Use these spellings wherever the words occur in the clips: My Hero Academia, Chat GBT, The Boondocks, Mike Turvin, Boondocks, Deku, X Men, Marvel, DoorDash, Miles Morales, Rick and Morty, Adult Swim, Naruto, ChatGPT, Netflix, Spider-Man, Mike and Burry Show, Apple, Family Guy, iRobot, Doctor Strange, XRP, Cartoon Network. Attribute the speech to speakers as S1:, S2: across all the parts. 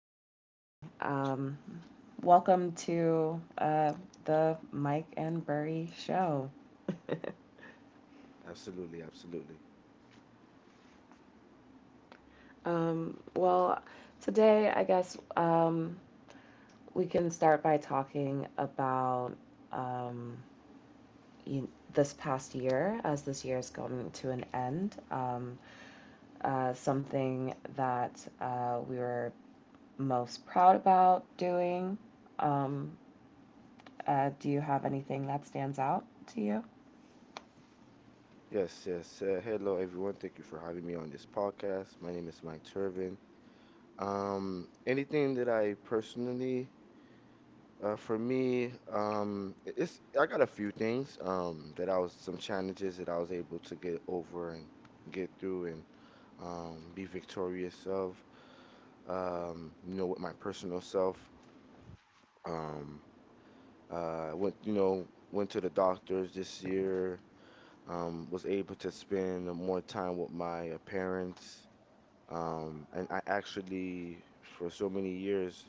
S1: this morning? Welcome to the Mike and Burry Show.
S2: Absolutely, absolutely.
S1: Um, well, today, we can start by talking about um, you, this past year, as this year is coming to an end. Something that we were most proud about doing. Um, do you have anything that stands out to you?
S2: Yes, yes. Hello, everyone. Thank you for having me on this podcast. My name is Mike Turvin. Anything that I personally, for me, I- it's I got a few things, that I was some challenges that I was able to get over and get through and be victorious of. You know, with my personal self. Um, uh, went, you know, went to the doctors this year. Was able to spend more time with my parents. And I actually, for so many years,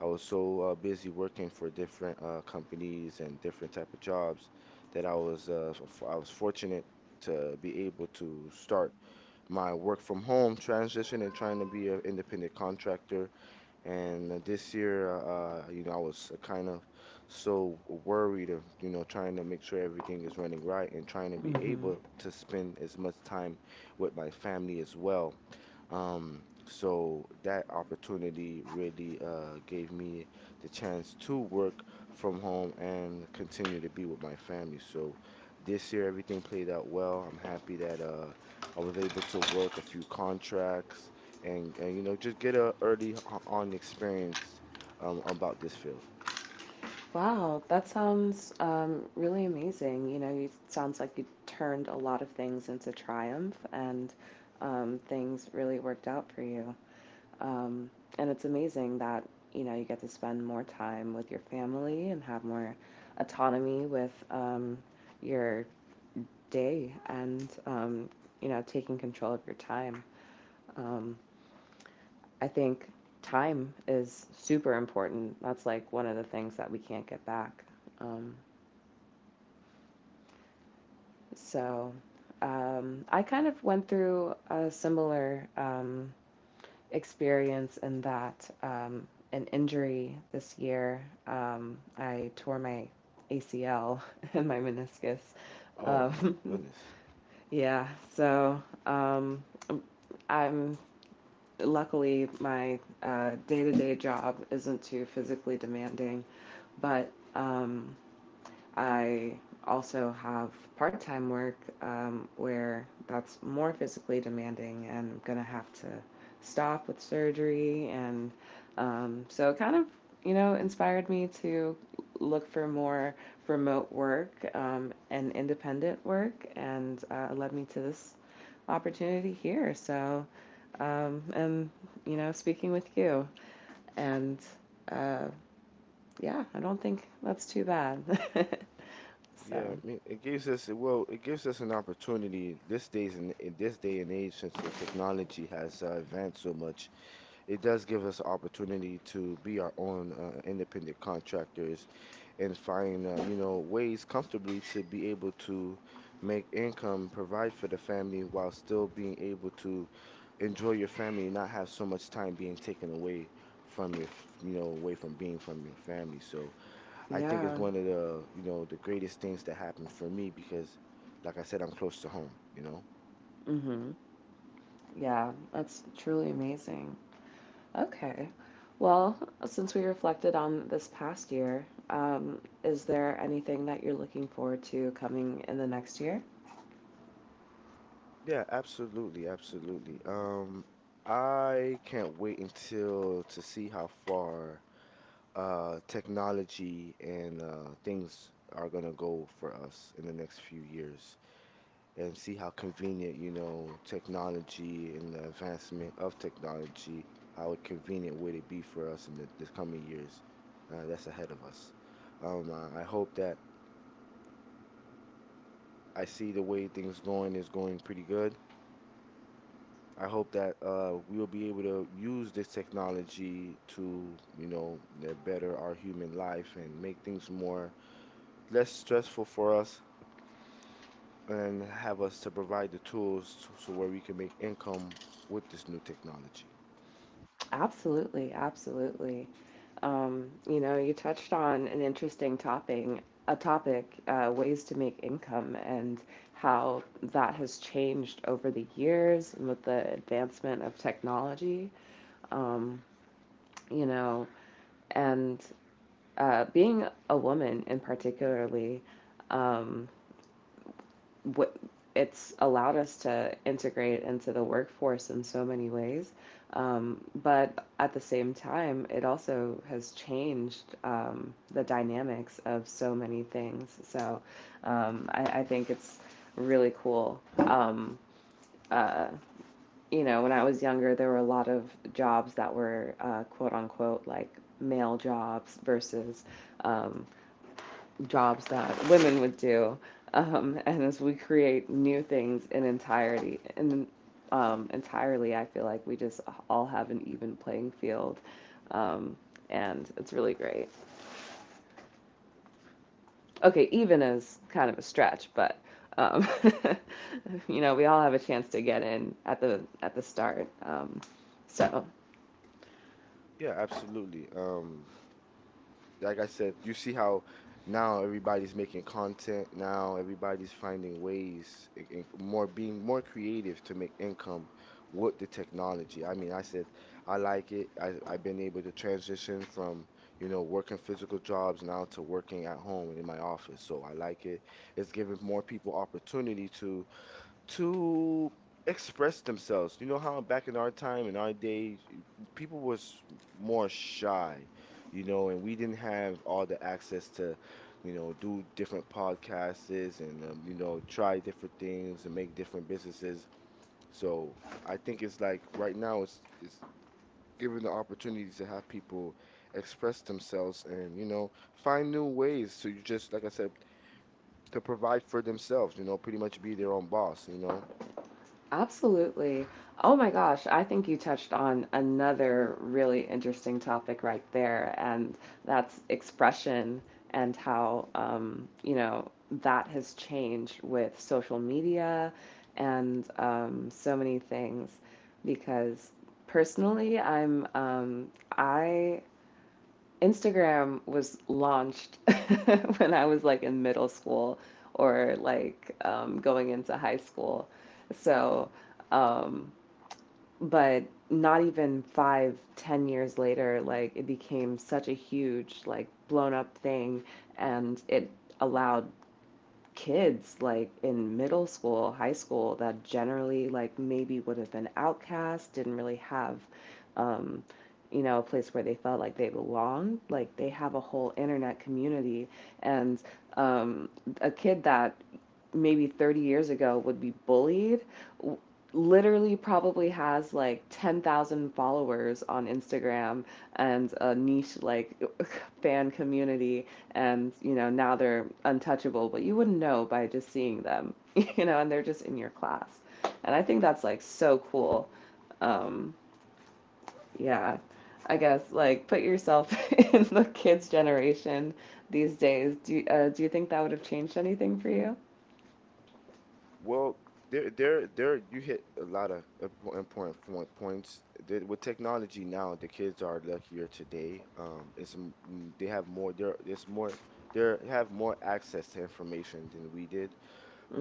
S2: I was so busy working for different companies and different type of jobs that I was I was fortunate to be able to start my work from home transition and trying to be an independent contractor and this year, you know, I was kind of so worried of, you know, trying to make sure everything is running right and trying to be
S1: Hmm
S2: able to spend as much time with my family as well. So that opportunity really gave me the chance to work from home and continue to be with my family. So this year, everything played out well. I'm happy that I was able to work a few contracts and you know, just get a early on experience about this field.
S1: Wow, that sounds really amazing. You know, it sounds like you turned a lot of things into triumph and, things really worked out for you. Um, and it's amazing that, you know, you get to spend more time with your family and have more autonomy with your day and, you know, taking control of your time. Um, I think time is super important. That's like one of the things that we can't get back. Um, So I kind of went through a similar experience in that, an injury this year. I tore my ACL and my meniscus.
S2: Oh my
S1: Um,
S2: goodness.
S1: yeah, so I'm luckily my day-to-day job isn't too physically demanding, but I also have part time work where that's more physically demanding and I'm going to have to stop with surgery. And so it kind of, you know, inspired me to look for more remote work and independent work and led me to this opportunity here. So, and, you know, speaking with you. And uh, yeah, I don't think that's too bad. So,
S2: Yeah, I mean, it gives us well, it gives us an opportunity this days in this day and age since the technology has advanced so much, it does give us opportunity to be our own independent contractors and find you know ways comfortably to be able to make income, provide for the family while still being able to enjoy your family and not have so much time being taken away from your you know, away from being from your family. So I think it's
S1: yeah.
S2: one of the, you know, the greatest things that happened for me, because like I said, I'm close to home, you know.
S1: hmm Yeah, that's truly amazing. Okay. Well, since we reflected on this past year, is there anything that you're looking forward to coming in the next year?
S2: Yeah, absolutely, absolutely. I can't wait until to see how far technology and things are gonna go for us in the next few years and see how convenient, you know, technology and the advancement of technology, how convenient would it be for us in the coming years that's ahead of us. I hope that I see the way things going is going pretty good. I hope that we'll be able to use this technology to, you know, better our human life and make things more less stressful for us and have us to provide the tools to, so where we can make income with this new technology.
S1: Absolutely, absolutely. You know, you touched on an interesting topping, a topic, ways to make income and how that has changed over the years and with the advancement of technology. Um, you know, and being a woman in particularly, um, what it's allowed us to integrate into the workforce in so many ways, but at the same time it also has changed the dynamics of so many things. So I think it's really cool. Uh, you know, when I was younger there were a lot of jobs that were quote unquote like male jobs versus, um, jobs that women would do, and as we create new things in entirety, in entirely, I feel like we just all have an even playing field, um, and it's really great. Okay, even is kind of a stretch, but um, you know, we all have a chance to get in at the start. So
S2: Yeah, absolutely. Like I said, you see how now everybody's making content. Now everybody's finding ways, more being more creative to make income with the technology. I mean, I said I like it. I've been able to transition from, you know, working physical jobs now to working at home and in my office. So I like it. It's giving more people opportunity to express themselves. You know how back in our time, in our days, people was more shy, you know, and we didn't have all the access to, you know, do different podcasts and you know, try different things and make different businesses. So I think it's like right now it's given the opportunity to have people express themselves and, you know, find new ways to just, like I said, to provide for themselves, you know, pretty much be their own boss, you know.
S1: Absolutely. Oh my gosh, I think you touched on another really interesting topic right there, and that's expression and how, you know, that has changed with social media and, so many things. Because personally, I'm, I Instagram was launched when I was like in middle school or like, going into high school. So, um, but not even five, 10 years later, like it became such a huge, like blown up thing, and it allowed kids like in middle school, high school that generally like maybe would have been outcast, didn't really have um you know, a place where they felt like they belonged. Like they have a whole internet community and, um a kid that maybe 30 years ago would be bullied literally probably has like 10,000 followers on Instagram and a niche like fan community. And you know, now they're untouchable but you wouldn't know by just seeing them. You know, and they're just in your class, and I think that's like so cool. um yeah I guess like put yourself in the kids generation these days. Do you think that would have changed anything for you?
S2: Well, there. You hit a lot of important points. With technology now, the kids are luckier today. They have more. There's more. They have more access to information than we did.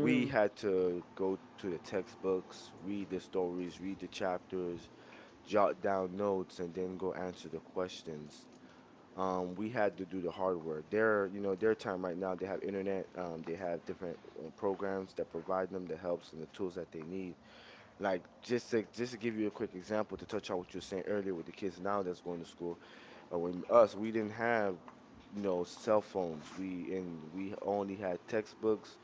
S2: We had to go to the textbooks, read the stories, read the chapters, jot down notes, and then go answer the questions. We had to do the hard work. Their, you know, their time right now, they have internet, they have different programs that provide them the helps and the tools that they need. Like just to give you a quick example to touch on what you were saying earlier with the kids now that's going to school. When us, we didn't have, you know, cell phones. We and we only had textbooks,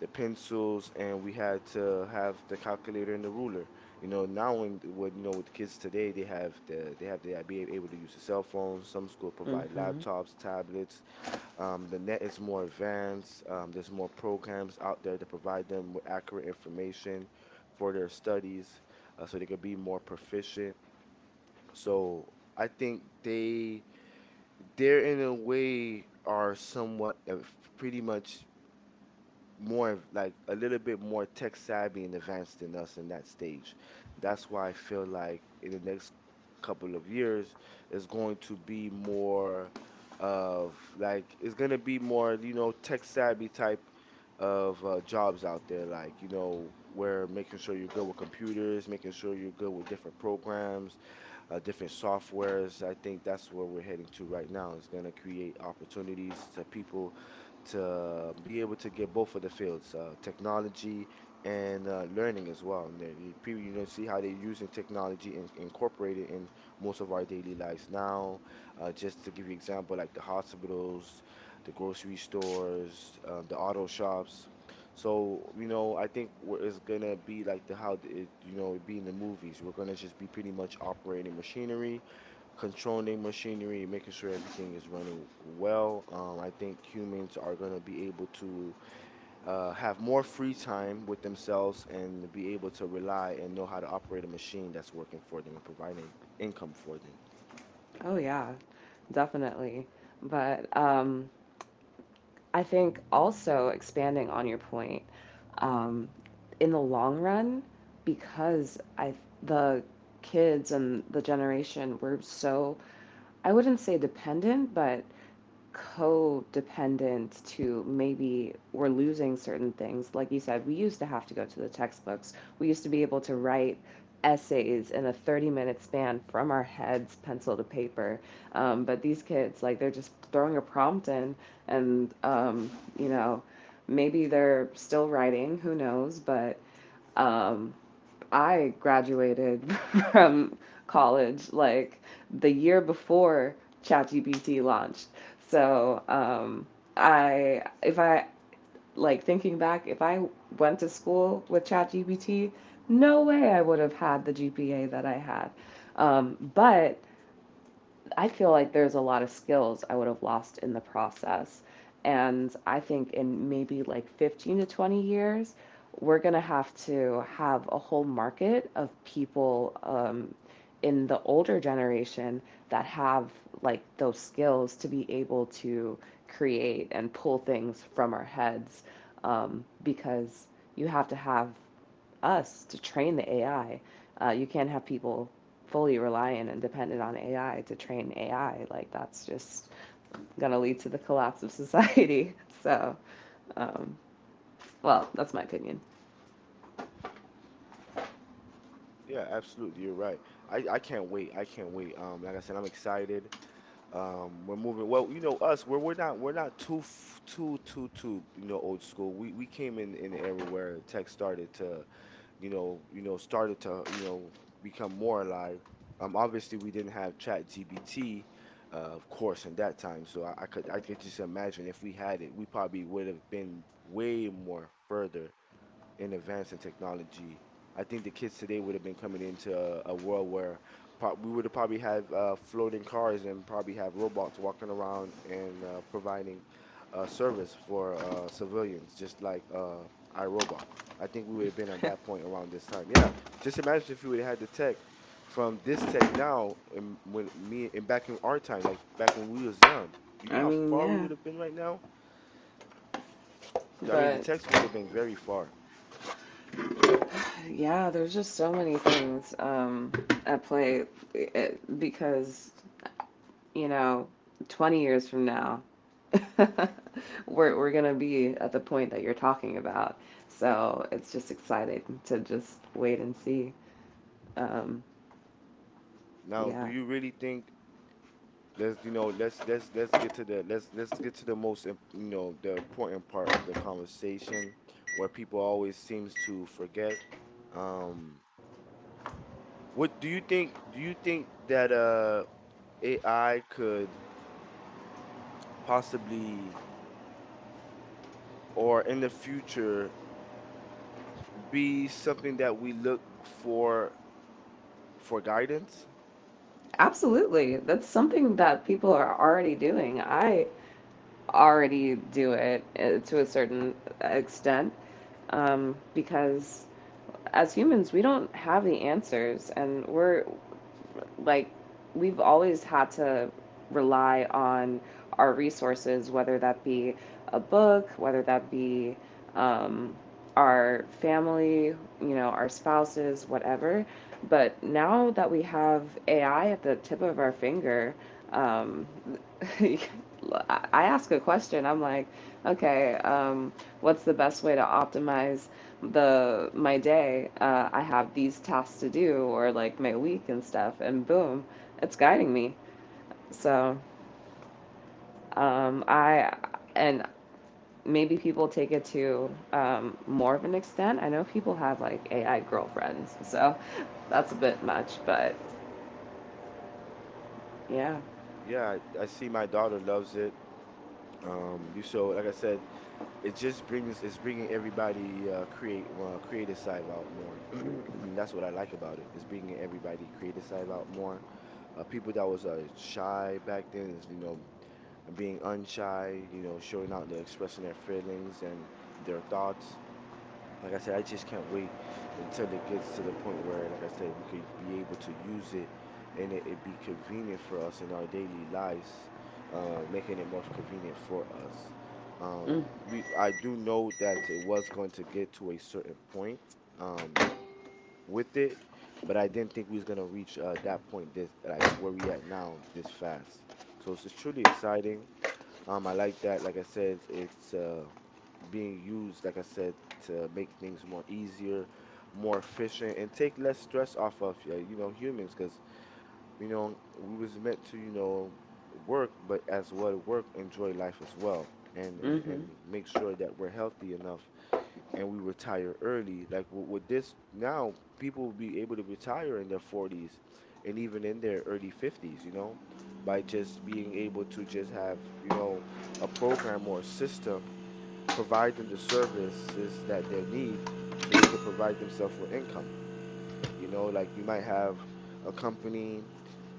S2: the pencils, and we had to have the calculator and the ruler. You know, now when what, you know, with kids today, they have the, they have the, be able to use a cell phone. Some schools provide
S1: Mm-hmm.
S2: laptops, tablets. The net is more advanced. There's more programs out there to provide them with accurate information for their studies, so they could be more proficient. So I think they they're in a way are somewhat pretty much more like a little bit more tech savvy and advanced than us in that stage. That's why I feel like in the next couple of years it's going to be more of like it's going to be more, you know, tech savvy type of jobs out there, like, you know, where making sure you're good with computers, making sure you're good with different programs, different softwares. I think that's where we're heading to right now. It's going to create opportunities to people to be able to get both of the fields, technology and learning as well. And then you, people, you know, see how they're using technology and incorporate it in most of our daily lives now. Just to give you example, like the hospitals, the grocery stores, the auto shops. So, you know, I think we're- it's gonna be like the how it, you know, it be in the movies. We're gonna just be pretty much operating machinery, controlling machinery, making sure everything is running well. I think humans are gonna be able to have more free time with themselves and be able to rely and know how to operate a machine that's working for them and providing income for them.
S1: Oh yeah, definitely. But I think also expanding on your point, um, in the long run, because I the kids and the generation were so, I wouldn't say dependent, but codependent to maybe we're losing certain things. Like you said, we used to have to go to the textbooks. We used to be able to write essays in a 30-minute span from our heads, pencil to paper. But these kids, like, they're just throwing a prompt in and, you know, maybe they're still writing, who knows, but. Um, I graduated from college like the year before ChatGPT launched. So, if I, like thinking back, if I went to school with ChatGPT, no way I would have had the GPA that I had. But I feel like there's a lot of skills I would have lost in the process. And I think in maybe like 15 to 20 years, we're going to have a whole market of people, in the older generation that have like those skills to be able to create and pull things from our heads, because you have to have us to train the AI. You can't have people fully reliant and dependent on AI to train AI. Like that's just going to lead to the collapse of society. So, um, well, that's my opinion.
S2: Yeah, absolutely, you're right. I can't wait. I can't wait. Like I said, I'm excited. We're moving. Well, you know us. We're not too you know old school. We came in an era where tech started to you know started to, you know, become more alive. Obviously we didn't have Chat GBT, of course, in that time. So I could just imagine if we had it, we probably would have been way more further in advance in technology. I think the kids today would have been coming into a world where we would have probably have floating cars and probably have robots walking around and providing service for civilians, just like iRobot. I think we would have been at that point around this time. Yeah, just imagine if we would have had the tech from this tech now, and when me and back in our time, like back when we was young. You
S1: I
S2: know how
S1: mean,
S2: far we
S1: yeah.
S2: would have been right now? I mean, the
S1: But
S2: techs would have been very far.
S1: yeah, there's just so many things at play it, because you know, 20 years from now, we're gonna be at the point that you're talking about. So it's just exciting to just wait and see. Um,
S2: Now, do
S1: yeah,
S2: you really think— Let's, you know, let's get to the let's get to the most you know the important part of the conversation where people always seems to forget. Um, what do you think? Do you think that AI could possibly or in the future be something that we look for guidance?
S1: absolutely. That's something that people are already doing. I already do it to a certain extent, because as humans, we don't have the answers, and we're like we've always had to rely on our resources, whether that be a book, whether that be, um, our family, you know, our spouses, whatever. But now that we have AI at the tip of our finger, um, I ask a question. I'm like, okay, what's the best way to optimize the my day? I have these tasks to do, or like my week and stuff, and boom, it's guiding me. So I and maybe people take it to, more of an extent. I know people have like AI girlfriends, so that's a bit much, but yeah.
S2: Yeah, I see my daughter loves it. You so like I said, it just brings it's bringing everybody create creative side out more. That's what I like about it. It's bringing everybody creative side out more. People that was shy back then is, you know, being unshy, you know, showing out, they're expressing their feelings and their thoughts. Like I said, I just can't wait until it gets to the point where, like I said, we could be able to use it and it be convenient for us in our daily lives, making it more convenient for us.
S1: Mm,
S2: We I do know that it was going to get to a certain point, um, with it, but I didn't think we was gonna reach that point this like where we at now this fast. So it's truly exciting. I like that. Like I said, it's being used, like I said, to make things more easier, more efficient, and take less stress off of you know humans, because you know we was meant to you know work, but as well work, enjoy life as well, and and
S1: mm-hmm,
S2: and make sure that we're healthy enough and we retire early. Like with this now, people will be able to retire in their 40s and even in their early 50s, you know, by just being able to just have you know a program or a system provide them the services that they need so they can provide themselves with income. You know, like you might have a company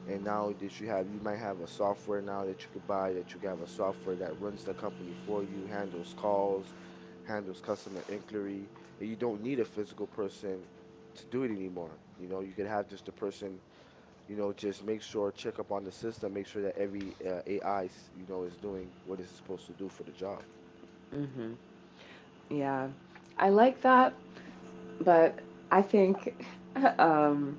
S2: and now that you have you might have a software now that you could buy, that you could have a software that runs the company for you, handles calls, handles customer inquiry, and you don't need a physical person to do it anymore. You know, you could have just a person, you know, just make sure check up on the system, make sure that every AI, 's, you know, is doing what it's supposed to do for the job.
S1: mm-hmm. Yeah. I like that. But I think um,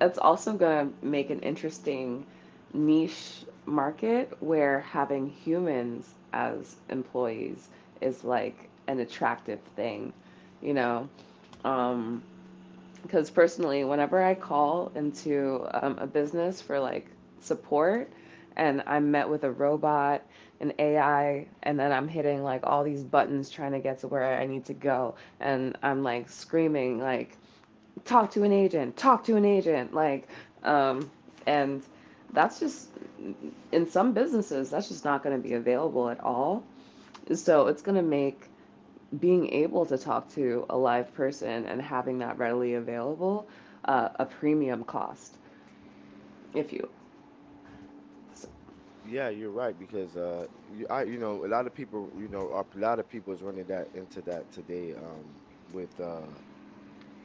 S1: it's also going to make an interesting niche market where having humans as employees is like an attractive thing, you know. Um, because personally, whenever I call into a business for like support and I'm met with a robot, an AI, and then I'm hitting like all these buttons trying to get to where I need to go, and I'm like screaming, like, talk to an agent, talk to an agent, like, um, and that's just in some businesses, that's just not going to be available at all. So it's going to make being able to talk to a live person and having that readily available a premium cost if you so,
S2: Yeah, you're right, because you know a lot of people you know a lot of people is running that into that today with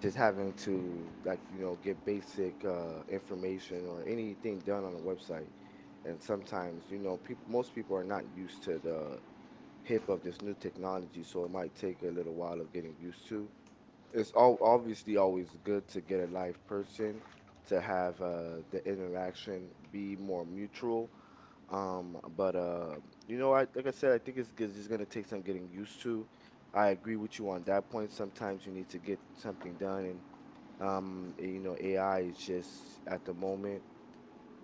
S2: just having to like you know get basic information or anything done on a website, and sometimes you know people most people are not used to the hip of this new technology, so it might take a little while of getting used to. It's all obviously always good to get a live person to have the interaction be more mutual, but you know, I like I said, I think it's just gonna take some getting used to. I agree with you on that point. Sometimes you need to get something done, and you know, AI is just at the moment,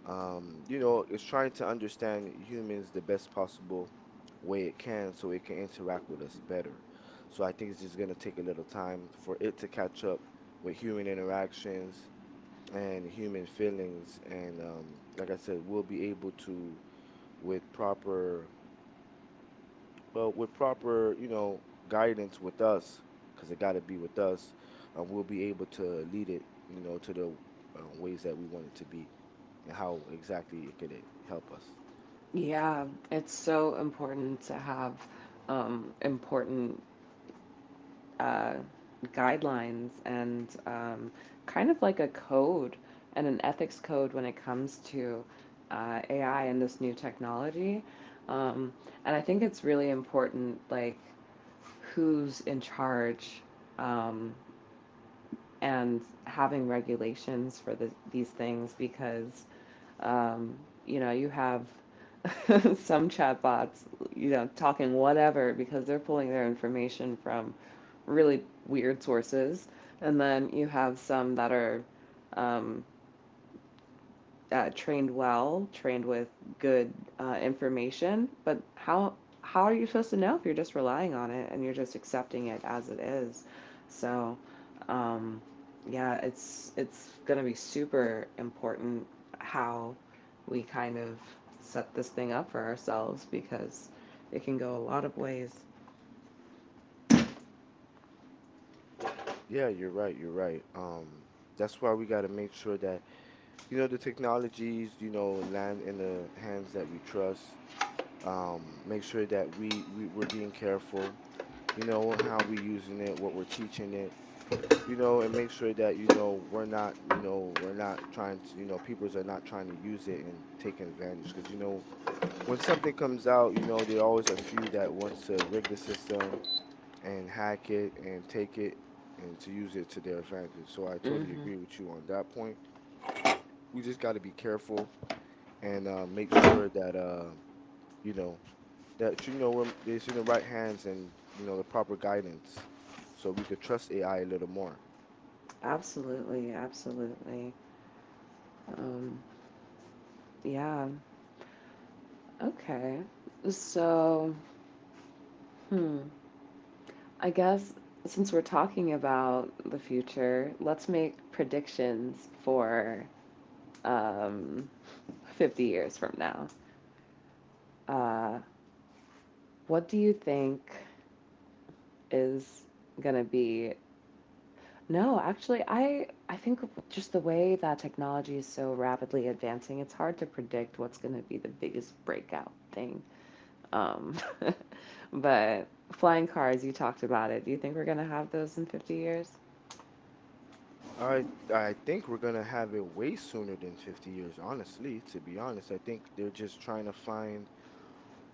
S2: you know, it's trying to understand humans the best possible way it can, so it can interact with us better. So I think it's just gonna take a little time for it to catch up with human interactions and human feelings, and like I said, we'll be able to with proper, well, with proper, you know, guidance with us, because it got to be with us, we'll be able to lead it, you know, to the ways that we want it to be and how exactly it could help us.
S1: yeah, it's so important to have important uh, guidelines and, kind of like a code and an ethics code when it comes to AI and this new technology, um, and I think it's really important like who's in charge, um, and having regulations for these things because, um, you know, you have some chatbots, you know, talking whatever because they're pulling their information from really weird sources. And then you have some that are, um, trained well, trained with good information, but how are you supposed to know if you're just relying on it and you're just accepting it as it is? So, um, yeah, it's gonna be super important how we kind of set this thing up for ourselves because it can go a lot of ways.
S2: Yeah, you're right. You're right. That's why we got to make sure that, you know, the technologies, you know, land in the hands that we trust. Make sure that we we're being careful, you know, how we using it, what we're teaching it, you know, and make sure that, you know, we're not, you know, we're not trying to, you know, people are not trying to use it and take advantage. Because, you know, when something comes out, you know, there are always a few that wants to rig the system and hack it and take it and to use it to their advantage. So I totally
S1: Mm-hmm.
S2: agree with you on that point. We just got to be careful and make sure that, you know, that, you know, we're, it's in the right hands, and, you know, the proper guidance so we could trust AI a little more.
S1: Absolutely, absolutely. Um, yeah. Okay. So, hmm. I guess since we're talking about the future, let's make predictions for, um, 50 years from now. Uh, what do you think is going to be? No, actually, I think just the way that technology is so rapidly advancing, it's hard to predict what's going to be the biggest breakout thing. Um, but flying cars, you talked about it. Do you think we're going to have those in 50 years?
S2: I I think we're gonna have it way sooner than 50 years, honestly, to be honest. I think they're just trying to find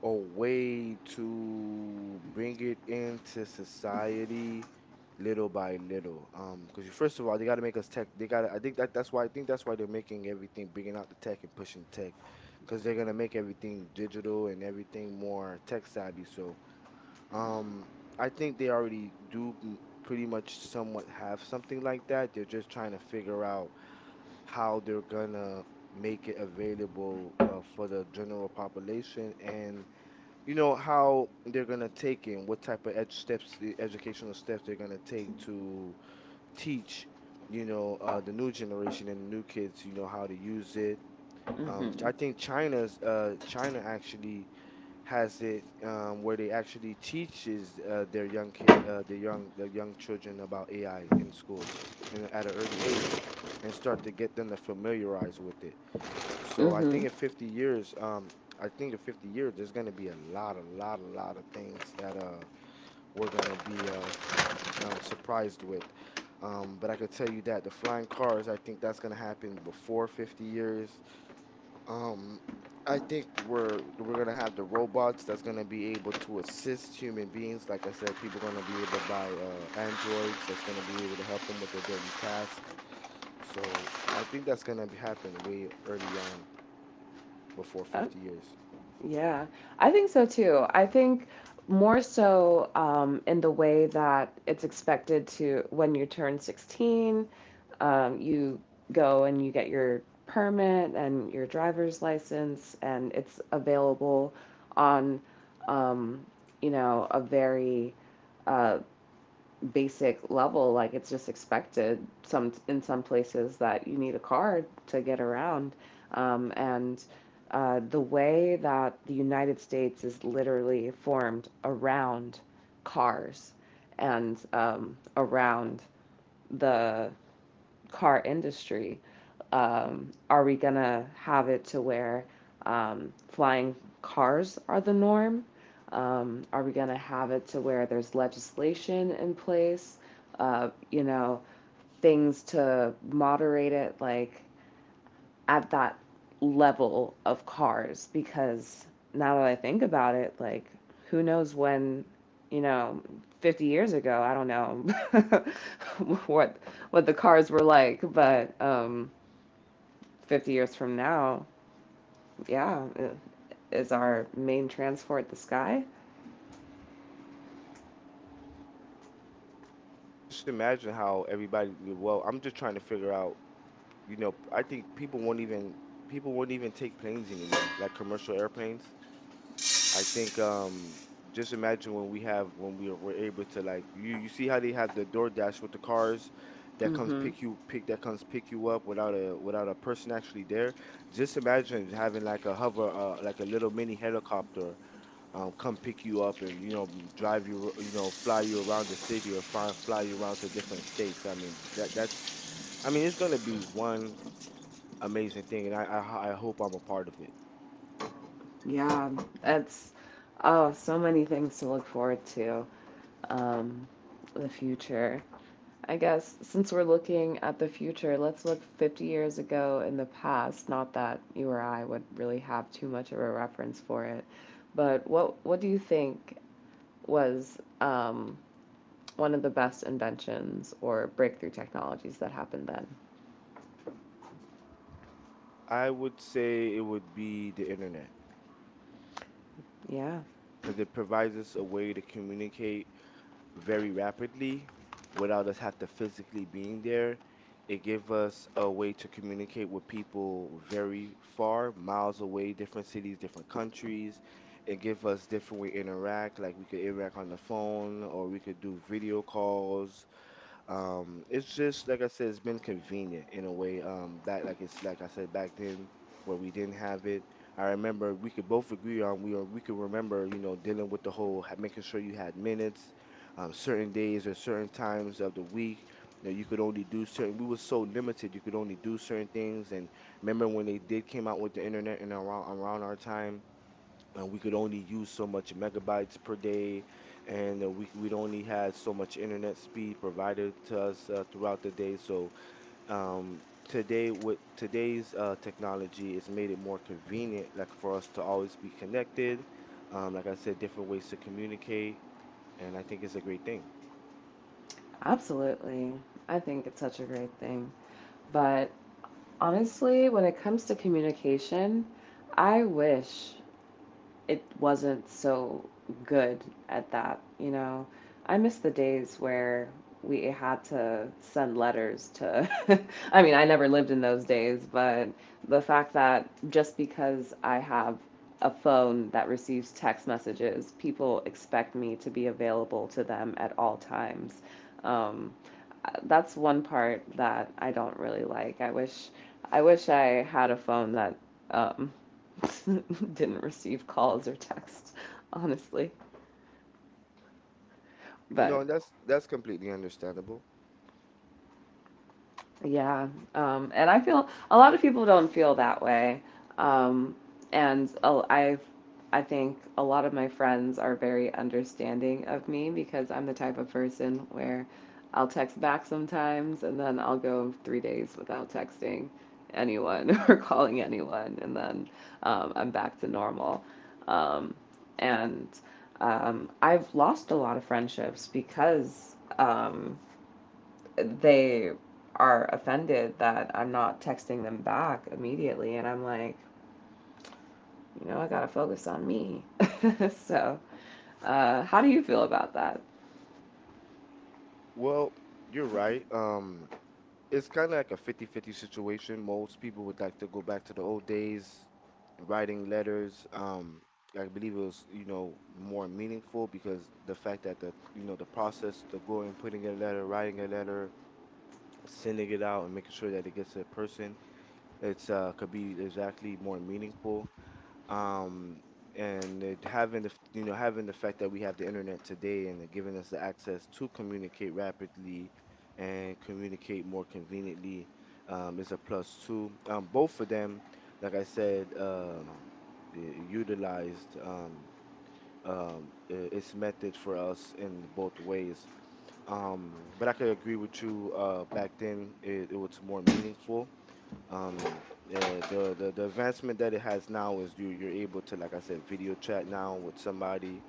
S2: a way to bring it into society little by little. Because first of all, they gotta make us tech. They gotta. I think that's why they're making everything, bringing out the tech and pushing tech, because they're gonna make everything digital and everything more tech savvy. So um, I think they already pretty much somewhat have something like that. They're just trying to figure out how they're gonna make it available for the general population and you know how they're gonna take it and what type of the educational steps they're gonna take to teach, you know, the new generation and new kids, you know, how to use it.
S1: Mm-hmm.
S2: I think China actually has it where they actually teaches their young kid, the young children about AI in schools, in, at an early age, and start to get them to familiarize with it. So I
S1: Mm-hmm.
S2: think in 50 years, I think in 50 years, there's gonna be a lot, a lot, a lot of things that we're gonna be s- surprised with. But I could tell you that the flying cars, I think that's gonna happen before 50 years. Um, I think we're gonna have the robots that's gonna be able to assist human beings. Like I said, people gonna be able to buy androids that's gonna be able to help them with their daily task. So I think that's gonna be happen way early on before
S1: Uh,
S2: 50 years.
S1: Yeah, I think so too. I think more so in the way that it's expected to when you turn 16, you go and you get your permit and your driver's license, and it's available on, um, a very uh, basic level. Like it's just expected some in some places that you need a car to get around, and the way that the United States is literally formed around cars and around the car industry, are we gonna have it to where, flying cars are the norm? Are we gonna have it to where there's legislation in place? You know, things to moderate it, like at that level of cars? Because now that I think about it, like who knows when, you know, 50 years ago, I don't know what what the cars were like, but 50 years from now, yeah, is our main transport the sky?
S2: Just imagine how everybody, well, I'm just trying to figure out, you know, I think people won't even take planes anymore, like commercial airplanes. I think just imagine when we have when we are we're able to, like, you see how they have the DoorDash with the cars that comes
S1: Mhm.
S2: pick you pick that comes pick you up without a without a person actually there. Just imagine having like a hover like a little mini helicopter come pick you up, and you know drive you you know fly you around the city or fly you around to different states. I mean that's I mean it's gonna be one amazing thing, and I hope I'm a part of it.
S1: Yeah, that's, oh, so many things to look forward to. Um the future. I guess since we're looking at the future, let's look 50 years ago in the past. Not that you or I would really have too much of a reference for it, but what do you think was, one of the best inventions or breakthrough technologies that happened then?
S2: I would say it would be the internet,
S1: Yeah,
S2: because it provides us a way to communicate very rapidly without us have to physically being there. It gives us a way to communicate with people very far, miles away, different cities, different countries. It gives us different way to interact, like we could interact on the phone or we could do video calls, it's just like I said, it's been convenient in a way. Back like it's like I said back then where we didn't have it. I remember we could both agree on we could remember you know dealing with the whole making sure you had minutes, certain days or certain times of the week that you could only do certain. We were so limited. You could only do certain things. And remember when they did came out with the internet and around our time, and we could only use so much megabytes per day, and we we'd only had so much internet speed provided to us throughout the day. So today, with today's technology, it's made it more convenient, like for us to always be connected. Like I said, different ways to communicate, and I think it's a great thing.
S1: absolutely. I think it's such a great thing. But honestly, when it comes to communication, I wish it wasn't so good at that, you know. I miss the days where we had to send letters to, I mean, I never lived in those days, but the fact that just because I have a phone that receives text messages, people expect me to be available to them at all times. Um, that's one part that I don't really like. I wish I had a phone that, um, didn't receive calls or texts, honestly.
S2: No,
S1: But
S2: and that's completely understandable.
S1: yeah. And I feel a lot of people don't feel that way. Um, I think a lot of my friends are very understanding of me because I'm the type of person where I'll text back sometimes and then I'll go 3 days without texting anyone or calling anyone, and then, I'm back to normal. Um, and I've lost a lot of friendships because, they are offended that I'm not texting them back immediately. And I'm like, you know, I got to focus on me. So, how do you feel about that?
S2: Well, you're right. It's kind of like a 50-50 situation. Most people would like to go back to the old days, writing letters. I believe it was, you know, more meaningful because the fact that the, you know, the process, the going, putting in a letter, writing a letter, sending it out, and making sure that it gets to the person, it's could be exactly more meaningful, um, and it having the you know having the fact that we have the internet today and it giving us the access to communicate rapidly and communicate more conveniently, is a plus too. Both of them, like I said, utilized its method for us in both ways. But I could agree with you. Back then, it was more meaningful, um, the advancement that it has now is you're able to, like I said, video chat now with somebody,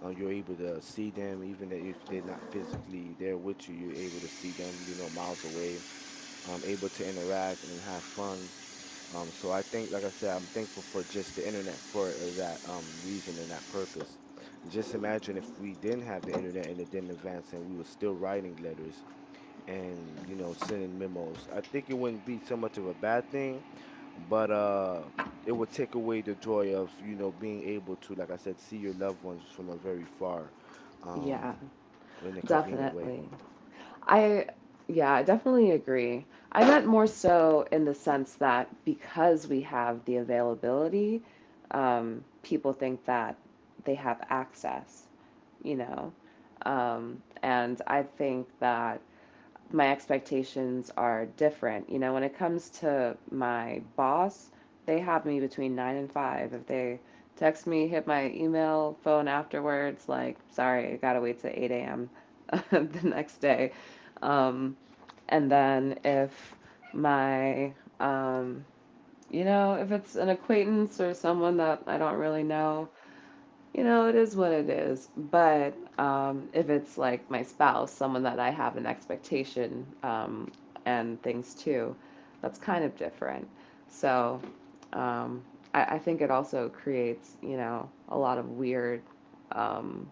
S2: um, you're able to see them, even that if they're not physically there with you, you're able to see them, you know, miles away, um, able to interact and have fun, um, so I think like I said I'm thankful for just the internet for that reason and that purpose. Just imagine if we didn't have the internet and it didn't advance and we were still writing letters and you know sending memos. I think it wouldn't be so much of a bad thing, but it would take away the joy of you know being able to, like I said, see your loved ones from a very far,
S1: Yeah,
S2: um, in a convenient way.
S1: definitely. I, yeah, I definitely agree. I meant more so in the sense that because we have the availability, people think that they have access, you know. And I think that my expectations are different. You know, when it comes to my boss, they have me between nine and five. If they text me, hit my email, phone afterwards, like, sorry, I gotta wait till 8 a.m. the next day. Um, and then if my, um, you know, if it's an acquaintance or someone that I don't really know, you know, it is what it is. But if it's like my spouse, someone that I have an expectation, and things too, that's kind of different. So, um, I think it also creates, you know, a lot of weird, um,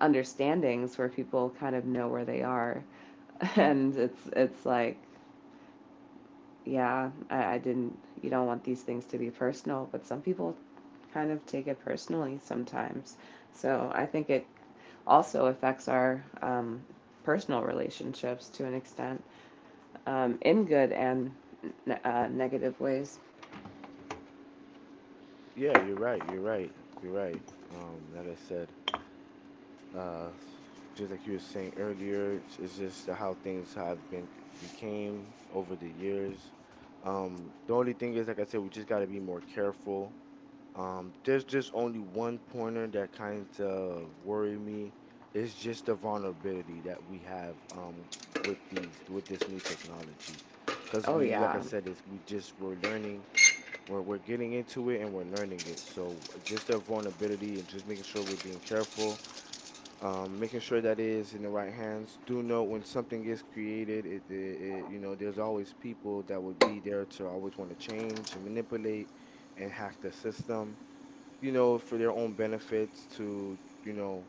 S1: understandings where people kind of know where they are, and it's like, yeah, I didn't, you don't want these things to be personal, but some people kind of take it personally sometimes. So I think it also affects our, personal relationships to an extent, in good and negative ways.
S2: Yeah, you're right. You're right. You're right. Like I said, uh, just like you were saying earlier, it's just how things have been became over the years. The only thing is, like I said, we just got to be more careful. There's just only one pointer that kind of worry me. It's just the vulnerability that we have with this new technology, because
S1: Oh,
S2: we like I
S1: yeah,
S2: said, it's we're learning, we're getting into it and we're learning it. So just the vulnerability and just making sure we're being careful, making sure that it is in the right hands. Do know when something is created, it, there's always people that would be there to always want to change and manipulate and hack the system, you know, for their own benefits to, you know,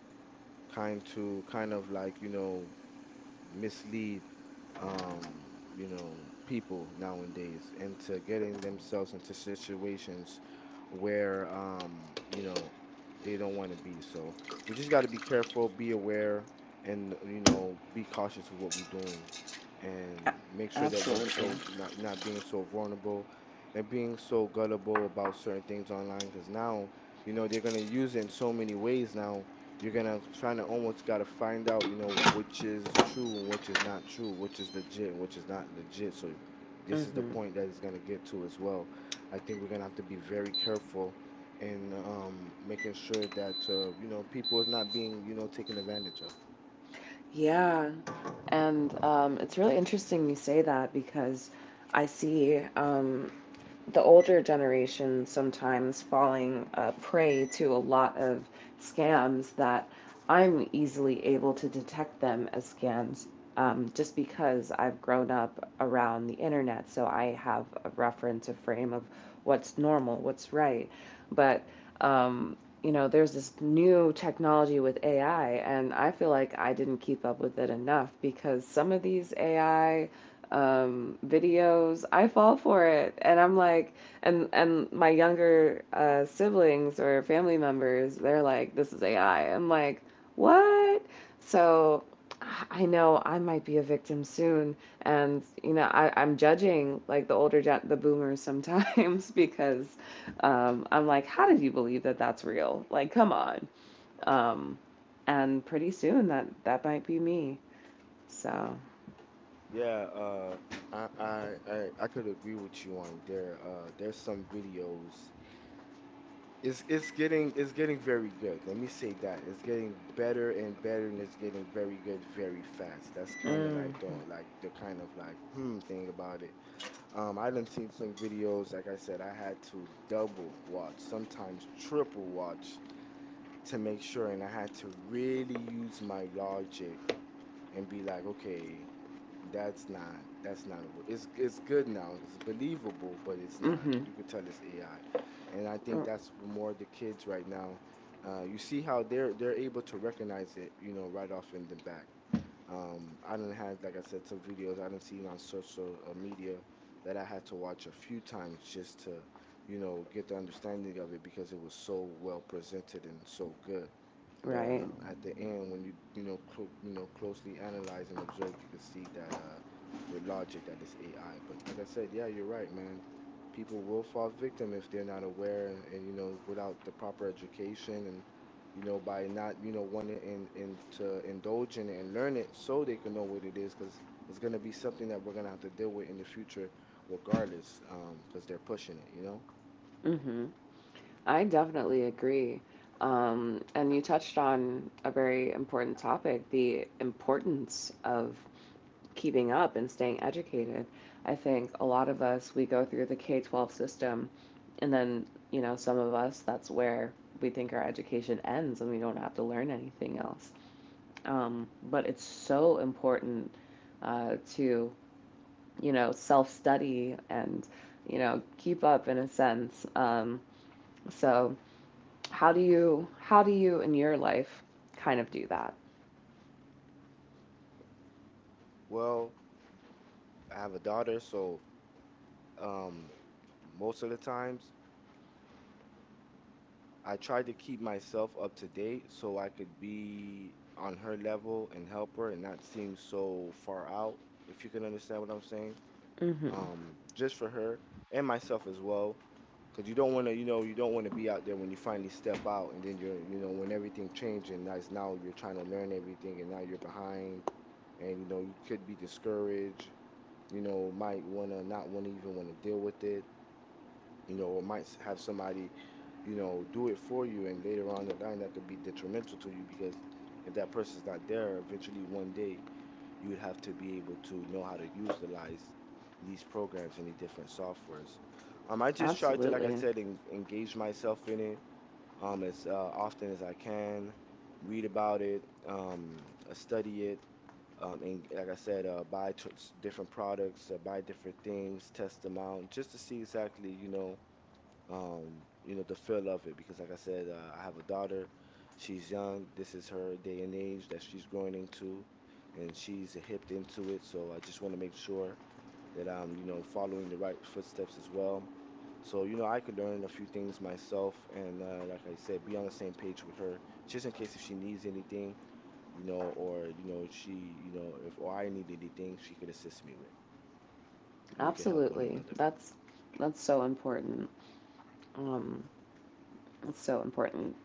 S2: kind to kind of like, you know, mislead, um, people nowadays into getting themselves into situations where, they don't want to be. So we just got to be careful, be aware, and you know, be cautious of what we're doing, and make sure that we're
S1: absolutely.
S2: so not being so vulnerable and being so gullible about certain things online. Because now, they're gonna use it in so many ways now you're gonna trying to almost gotta find out, you know, which is true and which is not true, which is legit and which is not legit. So this is
S1: Absolutely.
S2: the
S1: Hmm.
S2: point that it's gonna get to as well. I think we're gonna have to be very careful in making sure that you know, people is not being, you know, taken advantage of.
S1: Yeah, and, it's really interesting you say that because I see, the older generation sometimes falling, prey to a lot of scams that I'm easily able to detect them as scams, just because I've grown up around the internet. So I have a reference, a frame of what's normal, what's right. But, um, you know, there's this new technology with AI, and I feel like I didn't keep up with it enough because some of these AI, videos, I fall for it, and I'm like, and my younger siblings or family members, they're like, this is AI. I'm like, what? So I know I might be a victim soon, and you know, I'm judging like the older, the boomers sometimes because, I'm like, how did you believe that that's real? Like, come on. Um, and pretty soon that that might be me. So,
S2: Yeah, I could agree with you on there. There's some videos. It's getting very good. Let me say that. It's getting better and better and it's getting very good very fast. That's kind of
S1: mm,
S2: like the thing about it. Um, I done seen some videos, like I said, I had to double watch, sometimes triple watch to make sure, and I had to really use my logic and be like, okay, that's not a, r- it's good now. It's believable, but it's not.
S1: mhm,
S2: You could tell it's AI. And I think
S1: mm,
S2: that's more the kids right now. You see how they're able to recognize it, you know, right off in the back. I done had, like I said, some videos I done seen on social media that I had to watch a few times just to, you know, get the understanding of it because it was so well presented and so good. But
S1: right,
S2: at the end, when you know clo you know closely analyze and observe, you can see that with logic that it's AI. But like I said, yeah, you're right, man. People will fall victim if they're not aware and, you know, without the proper education, you know, by not, you know, wanting and to indulge in it and learn it so they can know what it is, because it's going to be something that we're going to have to deal with in the future regardless, because they're pushing it, you know?
S1: mhm. I definitely agree. And you touched on a very important topic, the importance of keeping up and staying educated. I think a lot of us, we go through the K 12 system, and then, you know, some of us, that's where we think our education ends and we don't have to learn anything else. But it's so important, to, you know, self study, and you know, keep up in a sense. So, how do you in your life kind of do that?
S2: Well, I have a daughter, so, um, most of the times I try to keep myself up to date so I could be on her level and help her and not seem so far out, if you can understand what I'm saying.
S1: Mm-hmm.
S2: Just for her and myself as well. Cause you don't want to, you know, you don't want to be out there when you finally step out, and then you're, you know, when everything changed, and that's now you're trying to learn everything, and now you're behind, and you know, you could be discouraged, you know, might wanna not wanna even wanna deal with it, you know, or have somebody, you know, do it for you, and later on the line that could be detrimental to you because if that person's not there, eventually one day you would have to be able to know how to utilize these programs and the different softwares. I just try to, like I
S1: Absolutely.
S2: said, engage myself in it, as often as I can, read about it, study it, and like I said, different products, buy different things, test them out, just to see exactly, you know, the feel of it. Because, like I said, I have a daughter. She's young. This is her day and age that she's growing into, and she's hipped into it. So I just want to make sure that I'm, you know, following the right footsteps as well. So, you know, I could learn a few things myself, and like I said, be on the same page with her, just in case if she needs anything, you know, or you know, if she, you know, if or I need anything, she could assist me with, and we could help one
S1: Absolutely.
S2: another.
S1: That's so important. Um, it's so important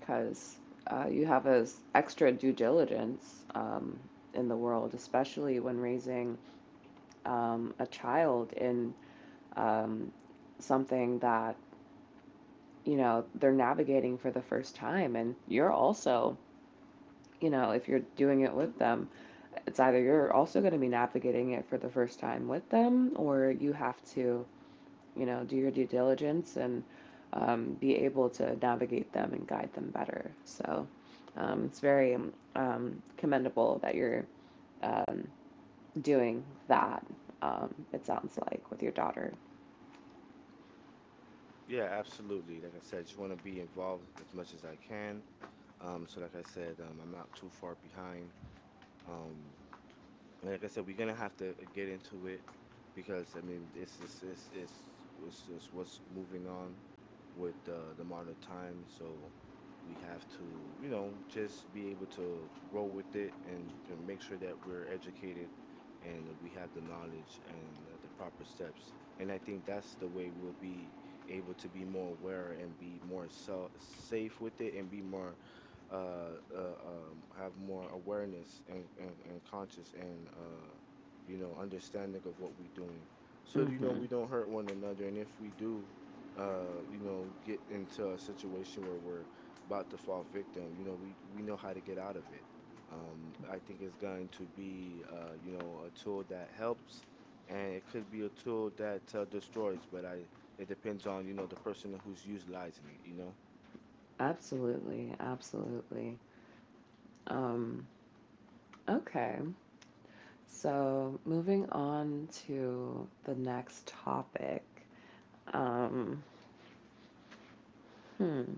S1: because, you have a extra due diligence, in the world, especially when raising, a child in, um, something that you know they're navigating for the first time, and you're also, you know, if you're doing it with them, it's either you're also going to be navigating it for the first time with them, or you have to, you know, do your due diligence and, be able to navigate them and guide them better. So, it's very, commendable that you're, um, doing that, it sounds like, with your daughter.
S2: Yeah, absolutely. Like I said, I just want to be involved as much as I can. So like I said, I'm not too far behind. Um, like I said, we're gonna have to get into it because I mean, this is was just what's moving on with the modern time. So we have to, you know, just be able to roll with it and to make sure that we're educated and that we have the knowledge and the proper steps. And I think that's the way we'll be able to be more aware and be more so safe with it and be more have more awareness and conscious and you know, understanding of what we're doing, so you know
S1: Mm-hmm.
S2: we don't hurt one another, and if we do you know get into a situation where we're about to fall victim, you know we know how to get out of it. I think it's going to be you know a tool that helps, and it could be a tool that destroys, but I it depends on you know the person who's utilizing it, you know.
S1: Absolutely, absolutely. Um, okay, so moving on to the next topic. Um, hmm.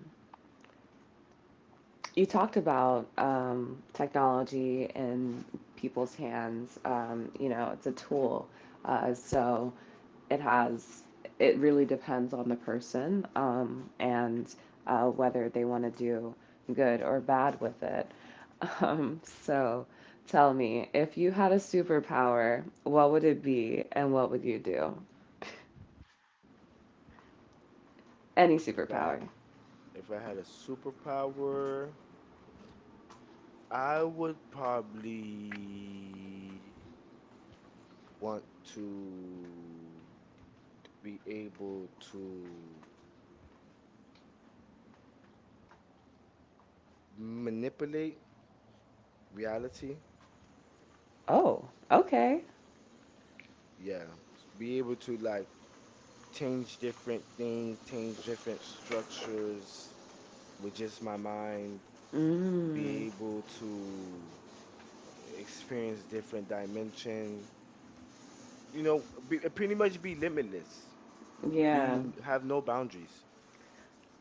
S1: You talked about, technology in people's hands. You know, it's a tool, so it has. It really depends on the person, and whether they want to do good or bad with it. So, tell me, if you had a superpower, what would it be, and what would you do? Any
S2: if i
S1: superpower?
S2: If I had a superpower, I would probably want to be able to manipulate reality.
S1: Oh, okay.
S2: Yeah, be able to like change different things, change different structures with just my mind,
S1: Mm,
S2: be able to uh, experience different dimension. You know, be, pretty much be limitless,
S1: yeah.
S2: be have no boundaries.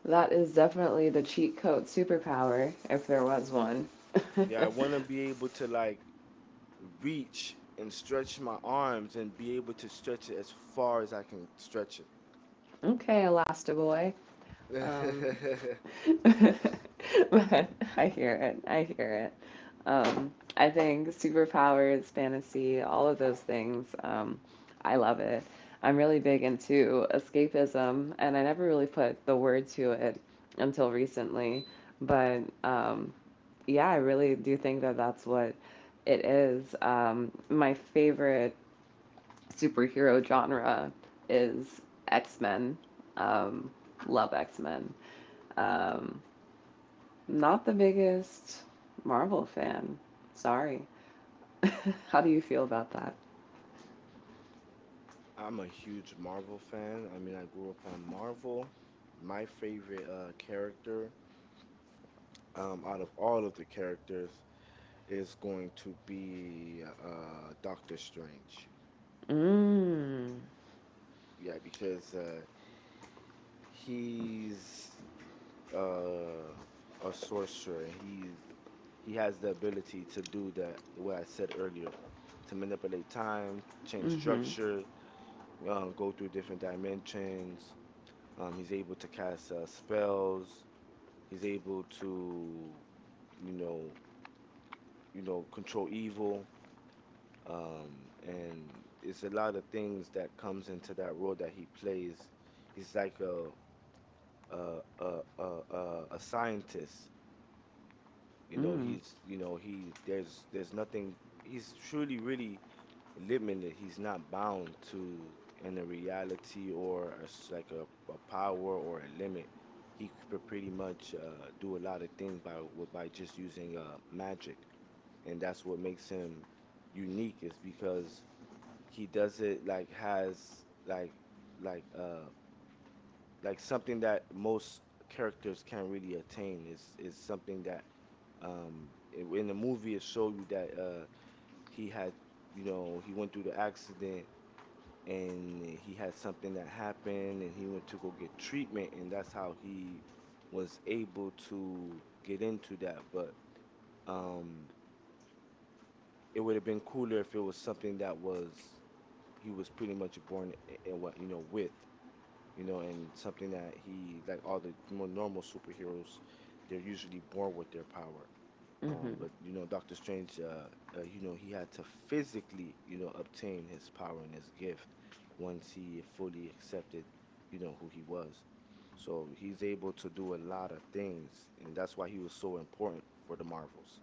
S1: That is definitely the cheat code superpower, if there was one.
S2: Yeah, I want to be able to like reach and stretch my arms and be able to stretch it as far as I can stretch it.
S1: Okay, Elastiboy. Um, but I hear it. I hear it. I think superpowers, fantasy, all of those things, I love it. I'm really big into escapism, and I never really put the word to it until recently. But, yeah, I really do think that that's what it is. My favorite superhero genre is X Men. Um, Love X Men. Um, Not the biggest Marvel fan. Sorry. How do you feel about that?
S2: I'm a huge Marvel fan. I mean, I grew up on Marvel. My favorite character, out of all of the characters, is going to be Doctor Strange.
S1: Mm.
S2: Yeah, because he's uh a sorcerer. He has the ability to do that what I said earlier, to manipulate time, change
S1: Mm-hmm.
S2: structure, go through different dimensions. He's able to cast spells. He's able to, you know you know, control evil. And it's a lot of things that comes into that role that he plays. He's like a scientist. You know,
S1: Mm.
S2: he's, you know, he there's nothing. He's truly really limited. He's not bound to in a reality or a s like a power or a limit. He could pretty much do a lot of things by just using magic, and that's what makes him unique. Is because he does it like has like uh like something that most characters can't really attain, is something that, in the movie it showed you that he had, you know, he went through the accident, and he had something that happened, and he went to go get treatment, and that's how he was able to get into that. But um it would have been cooler if it was something that was he was pretty much born, and what you know with you know, and something that he, like all the more normal superheroes, they're usually born with their power.
S1: Mm-hmm.
S2: But you know, Doctor Strange, you know, he had to physically, you know, obtain his power and his gift once he fully accepted, you know, who he was. So he's able to do a lot of things, and that's why he was so important for the Marvels.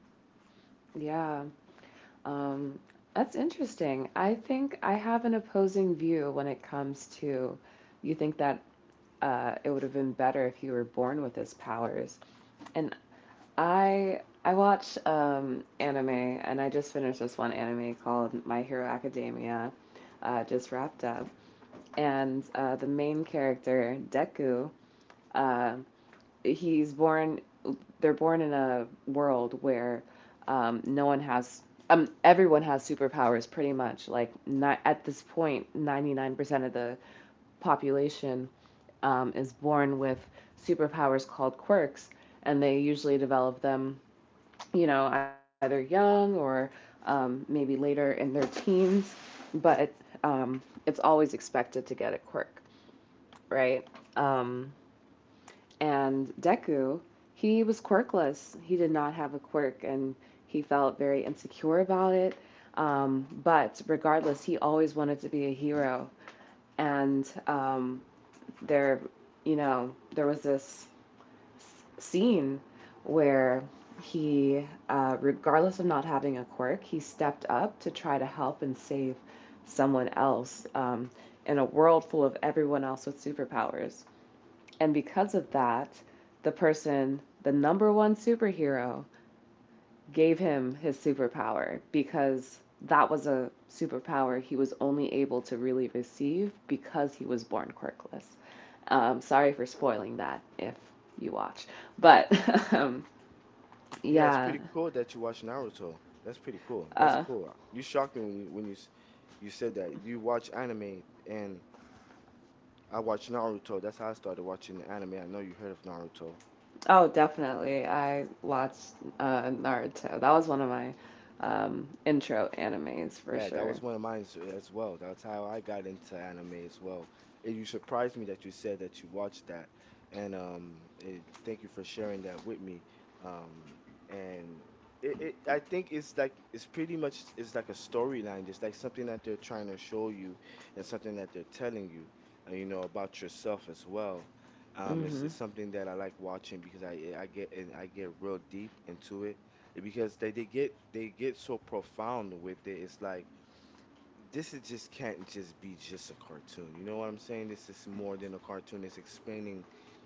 S1: Yeah. Um, that's interesting. I think I have an opposing view when it comes to, you think that, it would have been better if you were born with his powers. And I watch, anime, and I just finished this one anime called My Hero Academia, just wrapped up. And, the main character Deku, uh, he's born they're born in a world where, no one has everyone has superpowers pretty much, like not, at this point 99% of the population, is born with superpowers called quirks, and they usually develop them you know either young or, maybe later in their teens, but, um, it's always expected to get a quirk, right? um, and Deku, he was quirkless. He did not have a quirk and he felt very insecure about it. But regardless, he always wanted to be a hero. And, there, you know, there was this scene where he, regardless of not having a quirk, he stepped up to try to help and save someone else, in a world full of everyone else with superpowers. And because of that, the person, the number one superhero, gave him his superpower because that was a superpower he was only able to really receive because he was born quirkless. Sorry for spoiling that if you watch. But um,
S2: Yeah, it's
S1: yeah.
S2: pretty cool that you watch Naruto. That's pretty cool. That's
S1: Uh,
S2: cool. You shocked me when you said that you watch anime, and I watched Naruto. That's how I started watching anime. I know you heard of Naruto.
S1: oh, definitely. I watched Naruto. That was one of my, intro animes for
S2: Yeah, that
S1: sure.
S2: was one of mine as well. That's how I got into anime as well. You surprised me that you said that you watched that, and thank you for sharing that with me. Um, and I think it's like it's pretty much it's like a storyline. It's like something that they're trying to show you, and something that they're telling you, you know, about yourself as well. Um, it's,
S1: Hmm.
S2: it's something that I like watching because I get real deep into it because they get so profound with it. It's like this is just can't just be just a cartoon. You know what I'm saying? This is more than a cartoon. It's explaining,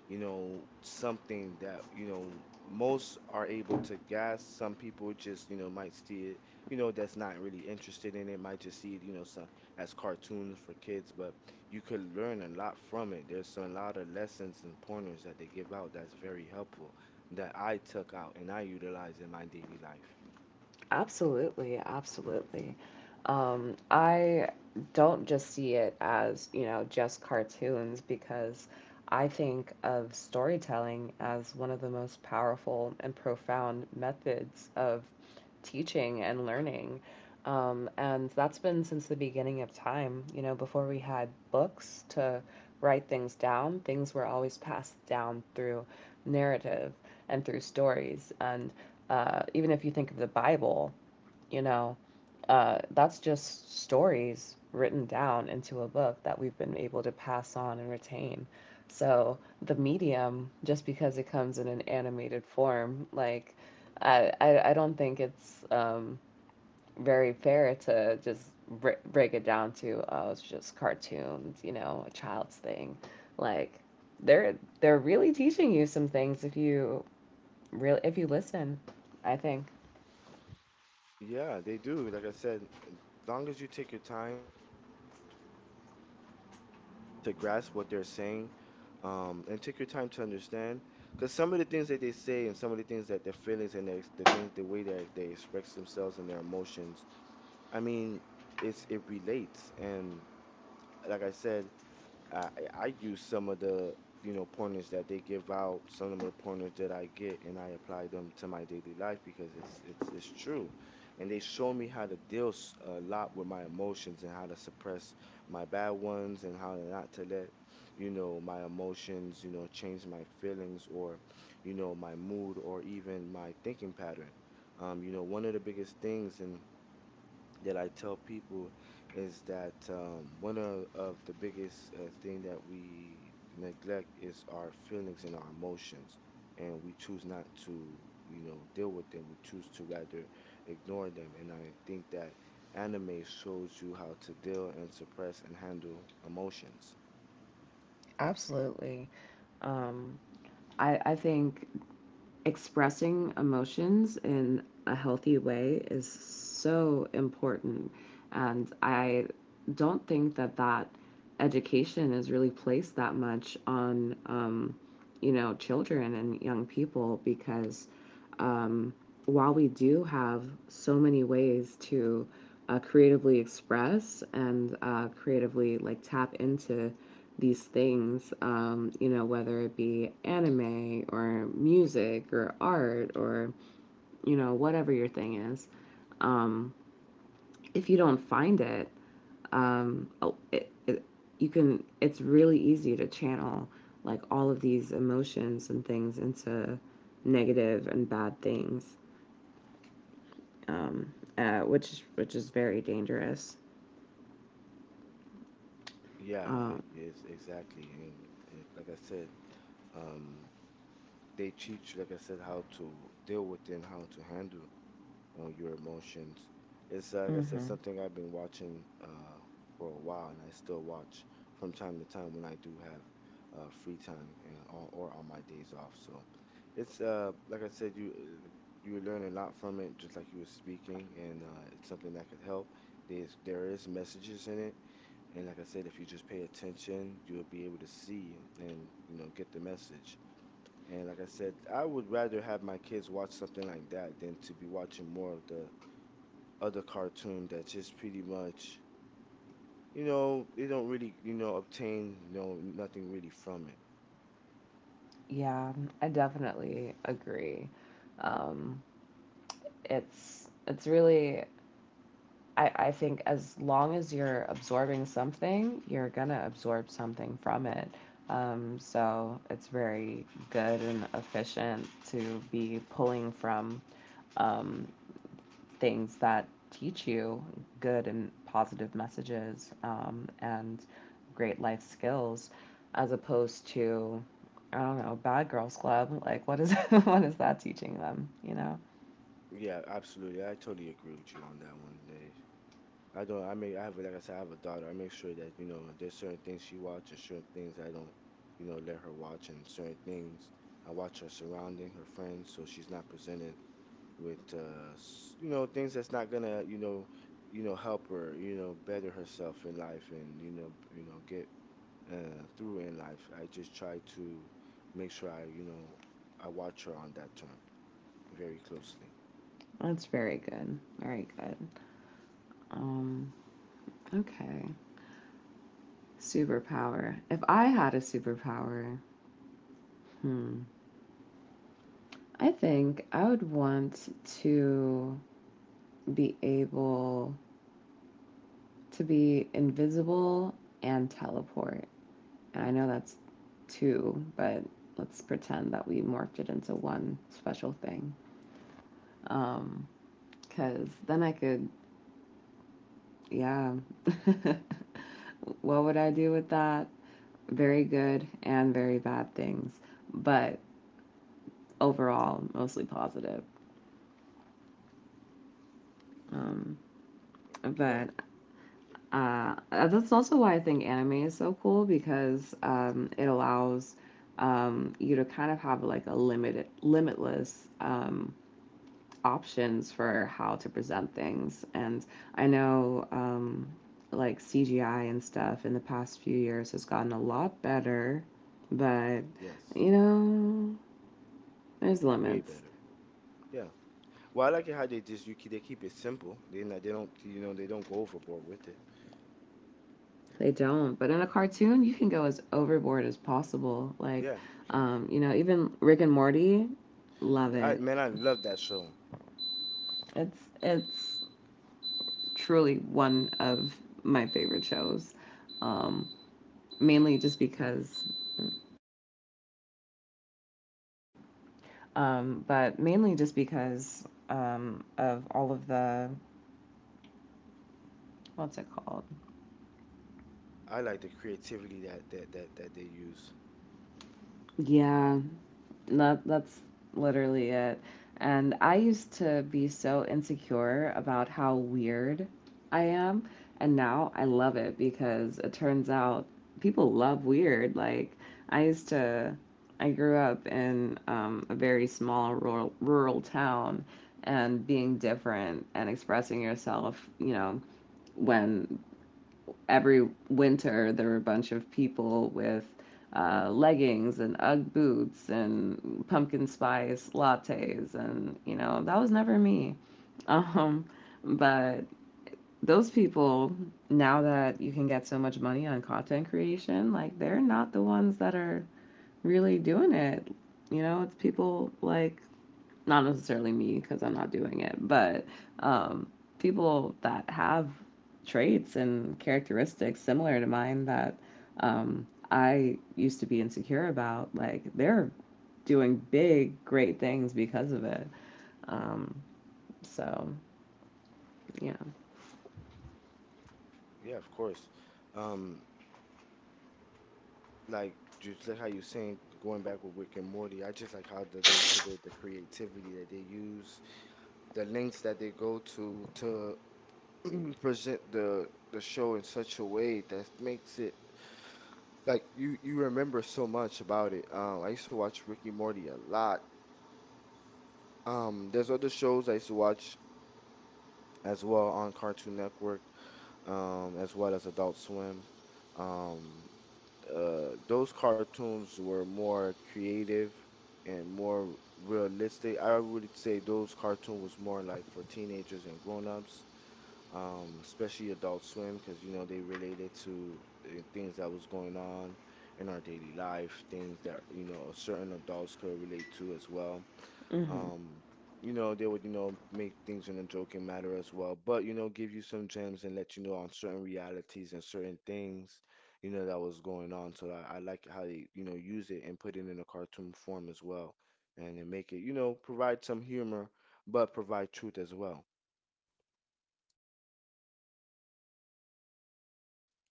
S2: you know, something that, you know, most are able to guess. Some people just, you know, might see it, you know, that's not really interested in it, might just see it, you know, so, as cartoons for kids, but you could learn a lot from it. There's a lot of lessons and pointers that they give out that's very helpful that I took out and I utilize in my daily life.
S1: Absolutely, absolutely. I don't just see it as, you know, just cartoons because I think of storytelling as one of the most powerful and profound methods of teaching and learning. And that's been since the beginning of time. You know, before we had books to write things down, things were always passed down through narrative and through stories. And, even if you think of the Bible, you know, that's just stories written down into a book that we've been able to pass on and retain. So the medium, just because it comes in an animated form, like I don't think it's, very fair to just break it down to, oh, it's just cartoons, you know, a child's thing. Like, they're really teaching you some things if you, really if you listen, I think.
S2: Yeah, they do. Like I said, as long as you take your time to grasp what they're saying, and take your time to understand, because some of the things that they say and some of the things that their feelings and their, the things, the way they express themselves and their emotions, I mean, it relates. And like I said, I use some of the you know pointers that they give out, some of the pointers that I get, and I apply them to my daily life because it's true, and they show me how to deal a lot with my emotions and how to suppress my bad ones and how not to let you know my emotions you know change my feelings or you know my mood or even my thinking pattern. You know, one of the biggest things and that I tell people is that one of the biggest thing that we neglect is our feelings and our emotions, and we choose not to, you know, deal with them. We choose to rather ignore them, and I think that anime shows you how to deal and suppress and handle emotions.
S1: Absolutely. Um, I think expressing emotions in a healthy way is so important. And I don't think that education is really placed that much on children and young people because um, while we do have so many ways to creatively express and creatively like tap into these things, whether it be anime or music or art or whatever your thing is, um, if you don't find it, um oh, it, it, you can it's really easy to channel like all of these emotions and things into negative and bad things, which is very dangerous.
S2: Yeah,
S1: um
S2: it is exactly, and it, like I said, um, they teach, like I said, how to deal with and how to handle your emotions. It's like I said,
S1: hmm
S2: something I've been watching for a while, and I still watch from time to time when I do have free time and or on my days off. So it's like I said, you learn a lot from it, just like you were speaking, and it's something that could help. There's there is messages in it, and like I said, if you just pay attention, you'll be able to see and you know get the message. And like I said, I would rather have my kids watch something like that than to be watching more of the other cartoon that's just pretty much you know they don't really you know obtain no nothing really from it.
S1: yeah, I definitely agree. Um it's it's really, I think as long as you're absorbing something, you're gonna absorb something from it. So it's very good and efficient to be pulling from um, things that teach you good and positive messages and great life skills, as opposed to, I don't know, bad girls club. Like, what is what is that teaching them? You know,
S2: Yeah, absolutely, I totally agree with you on that one. They- I don't I mean, I have, like I said, I have a daughter. I make sure that you know there's certain things she watches, certain things I don't you know let her watch, and certain things I watch her surrounding her friends, so she's not presented with you know things that's not gonna you know help her you know better herself in life and you know get through in life. I just try to make sure I, you know, I watch her on that term very closely.
S1: that's very good, very good. Um, okay. Superpower. If I had a superpower, hmm, I think I would want to be able to be invisible and teleport. And I know that's two, but let's pretend that we morphed it into one special thing. Um, Cause then I could, yeah. What would I do with that? Very good and very bad things, but overall, mostly positive. Um,
S2: Yeah,
S1: but that's also why I think anime is so cool because it allows you to kind of have like a limitless options for how to present things. And I know like CGI and stuff in the past few years has gotten a lot better, but
S2: yes,
S1: you know, there's
S2: way
S1: limits.
S2: better. Yeah. Well, I like it how they just you keep, they keep it simple. They not, they don't you know they don't go overboard with it.
S1: They don't. But in a cartoon, you can go as overboard as possible. Like,
S2: Yeah, you can.
S1: you know, even Rick and Morty, love
S2: I
S1: it.
S2: man, I love that show.
S1: It's truly one of my favorite shows. Um, mainly just because, mainly just because of all of the, what's it called?
S2: I like the creativity that they use.
S1: Yeah, that's literally it. And I used to be so insecure about how weird I am, and now I love it because it turns out people love weird. Like I used to, I grew up in a very small, rural town, and being different and expressing yourself, you know, when every winter there were a bunch of people with leggings and UGG boots and pumpkin spice lattes, and you know that was never me. Um, but those people, now that you can get so much money on content creation, like they're not the ones that are really doing it. You know, it's people like, not necessarily me because I'm not doing it, but um, people that have traits and characteristics similar to mine that I used to be insecure about, like they're doing big, great things because of it. Um, so yeah.
S2: Yeah, of course. Um, like just like how you saying going back with Rick and Morty, I just like how the, they put the creativity that they use, the links that they go to present the show in such a way that makes it like you remember so much about it. I used to watch Ricky and Morty a lot. There's other shows I used to watch as well on Cartoon Network, as well as Adult Swim. Um, those cartoons were more creative and more realistic. I would say those cartoons was more like for teenagers and grown-ups, especially Adult Swim, because you know they related to things that was going on in our daily life, things that you know certain adults could relate to as well.
S1: Mm-hmm.
S2: Um, you know they would you know make things in a joking matter as well, but you know give you some gems and let you know on certain realities and certain things you know that was going on. So I like how they you know use it and put it in a cartoon form as well, and then make it you know provide some humor but provide truth as well.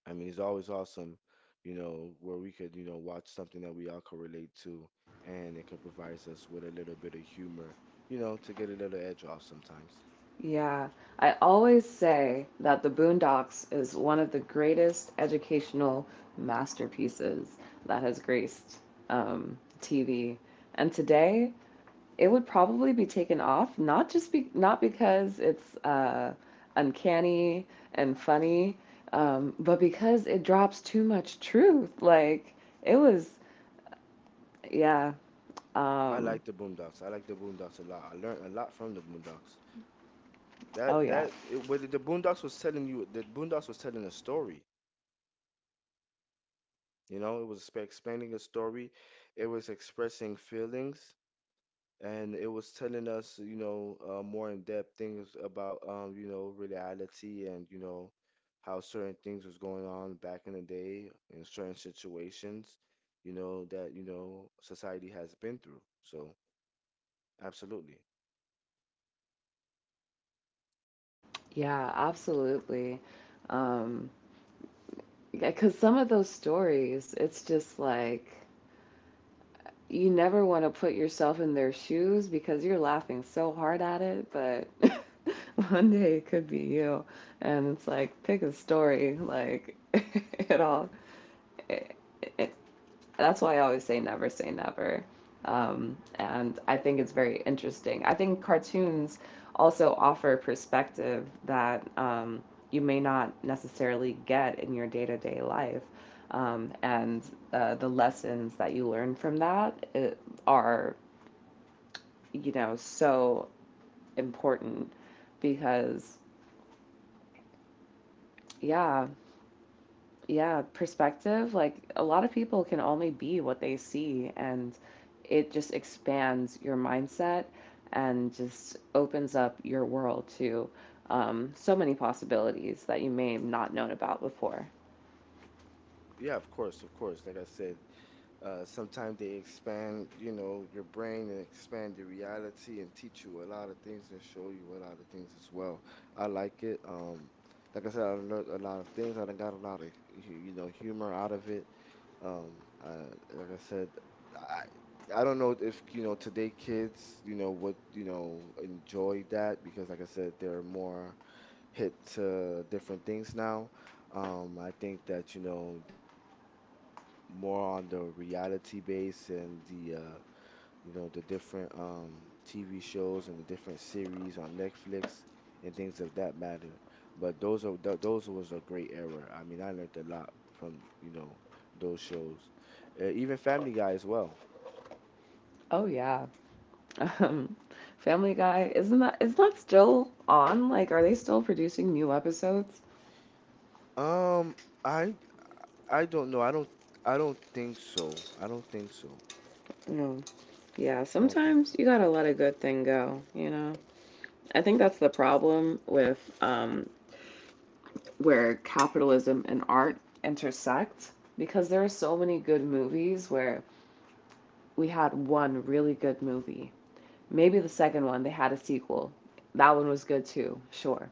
S2: I mean, it's always awesome, you know, where we could, you know, watch something that we all could relate to, and it could provide us with a little bit of humor, you know, to get a little edge off sometimes.
S1: Yeah. I always say that The Boondocks is one of the greatest educational masterpieces that has graced TV. And today, it would probably be taken off, not just be, not because it's uncanny and funny, but because it drops too much truth. Like it was, yeah.
S2: I
S1: Um,
S2: like the Boondocks. I like the Boondocks a lot. I learned a lot from the Boondocks.
S1: oh
S2: That
S1: yeah,
S2: that it, what the Boondocks was telling you, the Boondocks was telling a story. You know, it was explaining a story. It was expressing feelings, and it was telling us, you know, more in depth things about, you know, reality and, you know, how certain things was going on back in the day in certain situations, you know, that, you know, society has been through. So, absolutely.
S1: yeah, absolutely. Um, because some of those stories, it's just like you never want to put yourself in their shoes because you're laughing so hard at it, but one day it could be you. And it's like, pick a story, like, it all, it, it, that's why I always say never say never. And I think it's very interesting. I think cartoons also offer perspective that you may not necessarily get in your day to day life. And The lessons that you learn from that are, you know, so important because, yeah, yeah, perspective, like a lot of people can only be what they see, and it just expands your mindset and just opens up your world to so many possibilities that you may have not known about before.
S2: Yeah, of course, of course. Like I said, sometimes they expand, you know, your brain and expand your reality and teach you a lot of things and show you a lot of things as well. I like it. Like I said, I learned a lot of things. I done got a lot of, you know, humor out of it. Um, like I said, I I don't know if, you know, today kids, you know, would, you know, enjoy that because, like I said, they're more hip to different things now. I think that, you know, more on the reality base and the you know the different TV shows and the different series on Netflix and things of that matter. But those are th those was a great era. I mean, I learned a lot from you know those shows, even Family Guy as well.
S1: Oh yeah, um, Family Guy, isn't that is that still on? Like, are they still producing new episodes?
S2: Um, I I don't know. I don't think so. I don't think so.
S1: No. Yeah,
S2: I don't think so.
S1: sometimes you gotta let a good thing go. You know, I think that's the problem with where capitalism and art intersect because there are so many good movies where we had one really good movie. Maybe the second one, they had a sequel. That one was good too, sure.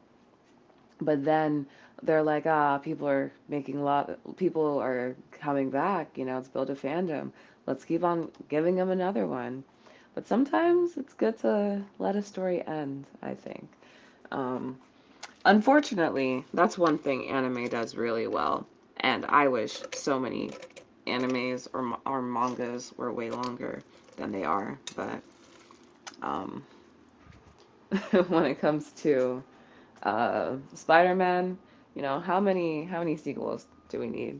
S1: But then they're like, ah, people are making a lot, people are coming back, you know, it's built a fandom. Let's keep on giving them another one. But sometimes it's good to let a story end, I think. Um, Unfortunately, that's one thing anime does really well, and I wish so many animes or mangas were way longer than they are. But um, when it comes to Spider-Man, you know, how many sequels do we need?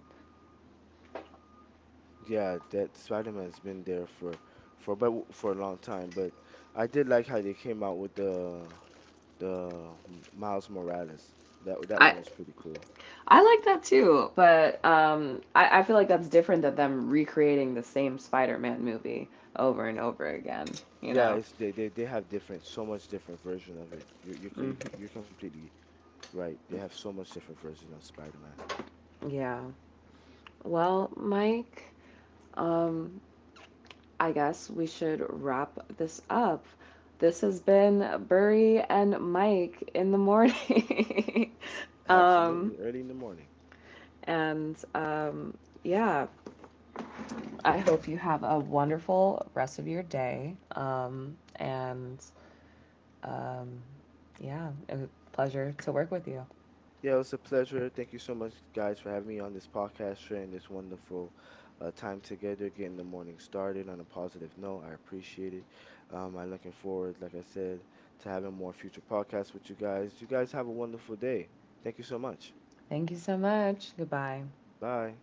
S2: Yeah, that Spider-Man's been there for but for a long time, but I did like how they came out with the Miles Morales. That
S1: I
S2: one was pretty cool.
S1: I like that too, but I feel like that's different than them recreating the same Spider-Man movie over and over again. You
S2: Yeah,
S1: know?
S2: it's they have different so much different version of it. You're co-
S1: Mhm.
S2: you're completely right. They have so much different version of Spider-Man.
S1: Yeah. Well, Mike, um, I guess we should wrap this up. This has been Burry and Mike in the morning.
S2: Absolutely,
S1: um,
S2: early in the morning.
S1: and Yeah, I hope you have a wonderful rest of your day. And um, yeah, it was a pleasure to work with you.
S2: Yeah, it was a pleasure. Thank you so much, guys, for having me on this podcast, sharing this wonderful time together, getting the morning started on a positive note. I appreciate it. I'm looking forward, like I said, to having more future podcasts with you guys. You guys have a wonderful day. Thank you so much.
S1: Thank you so much. Goodbye.
S2: Bye.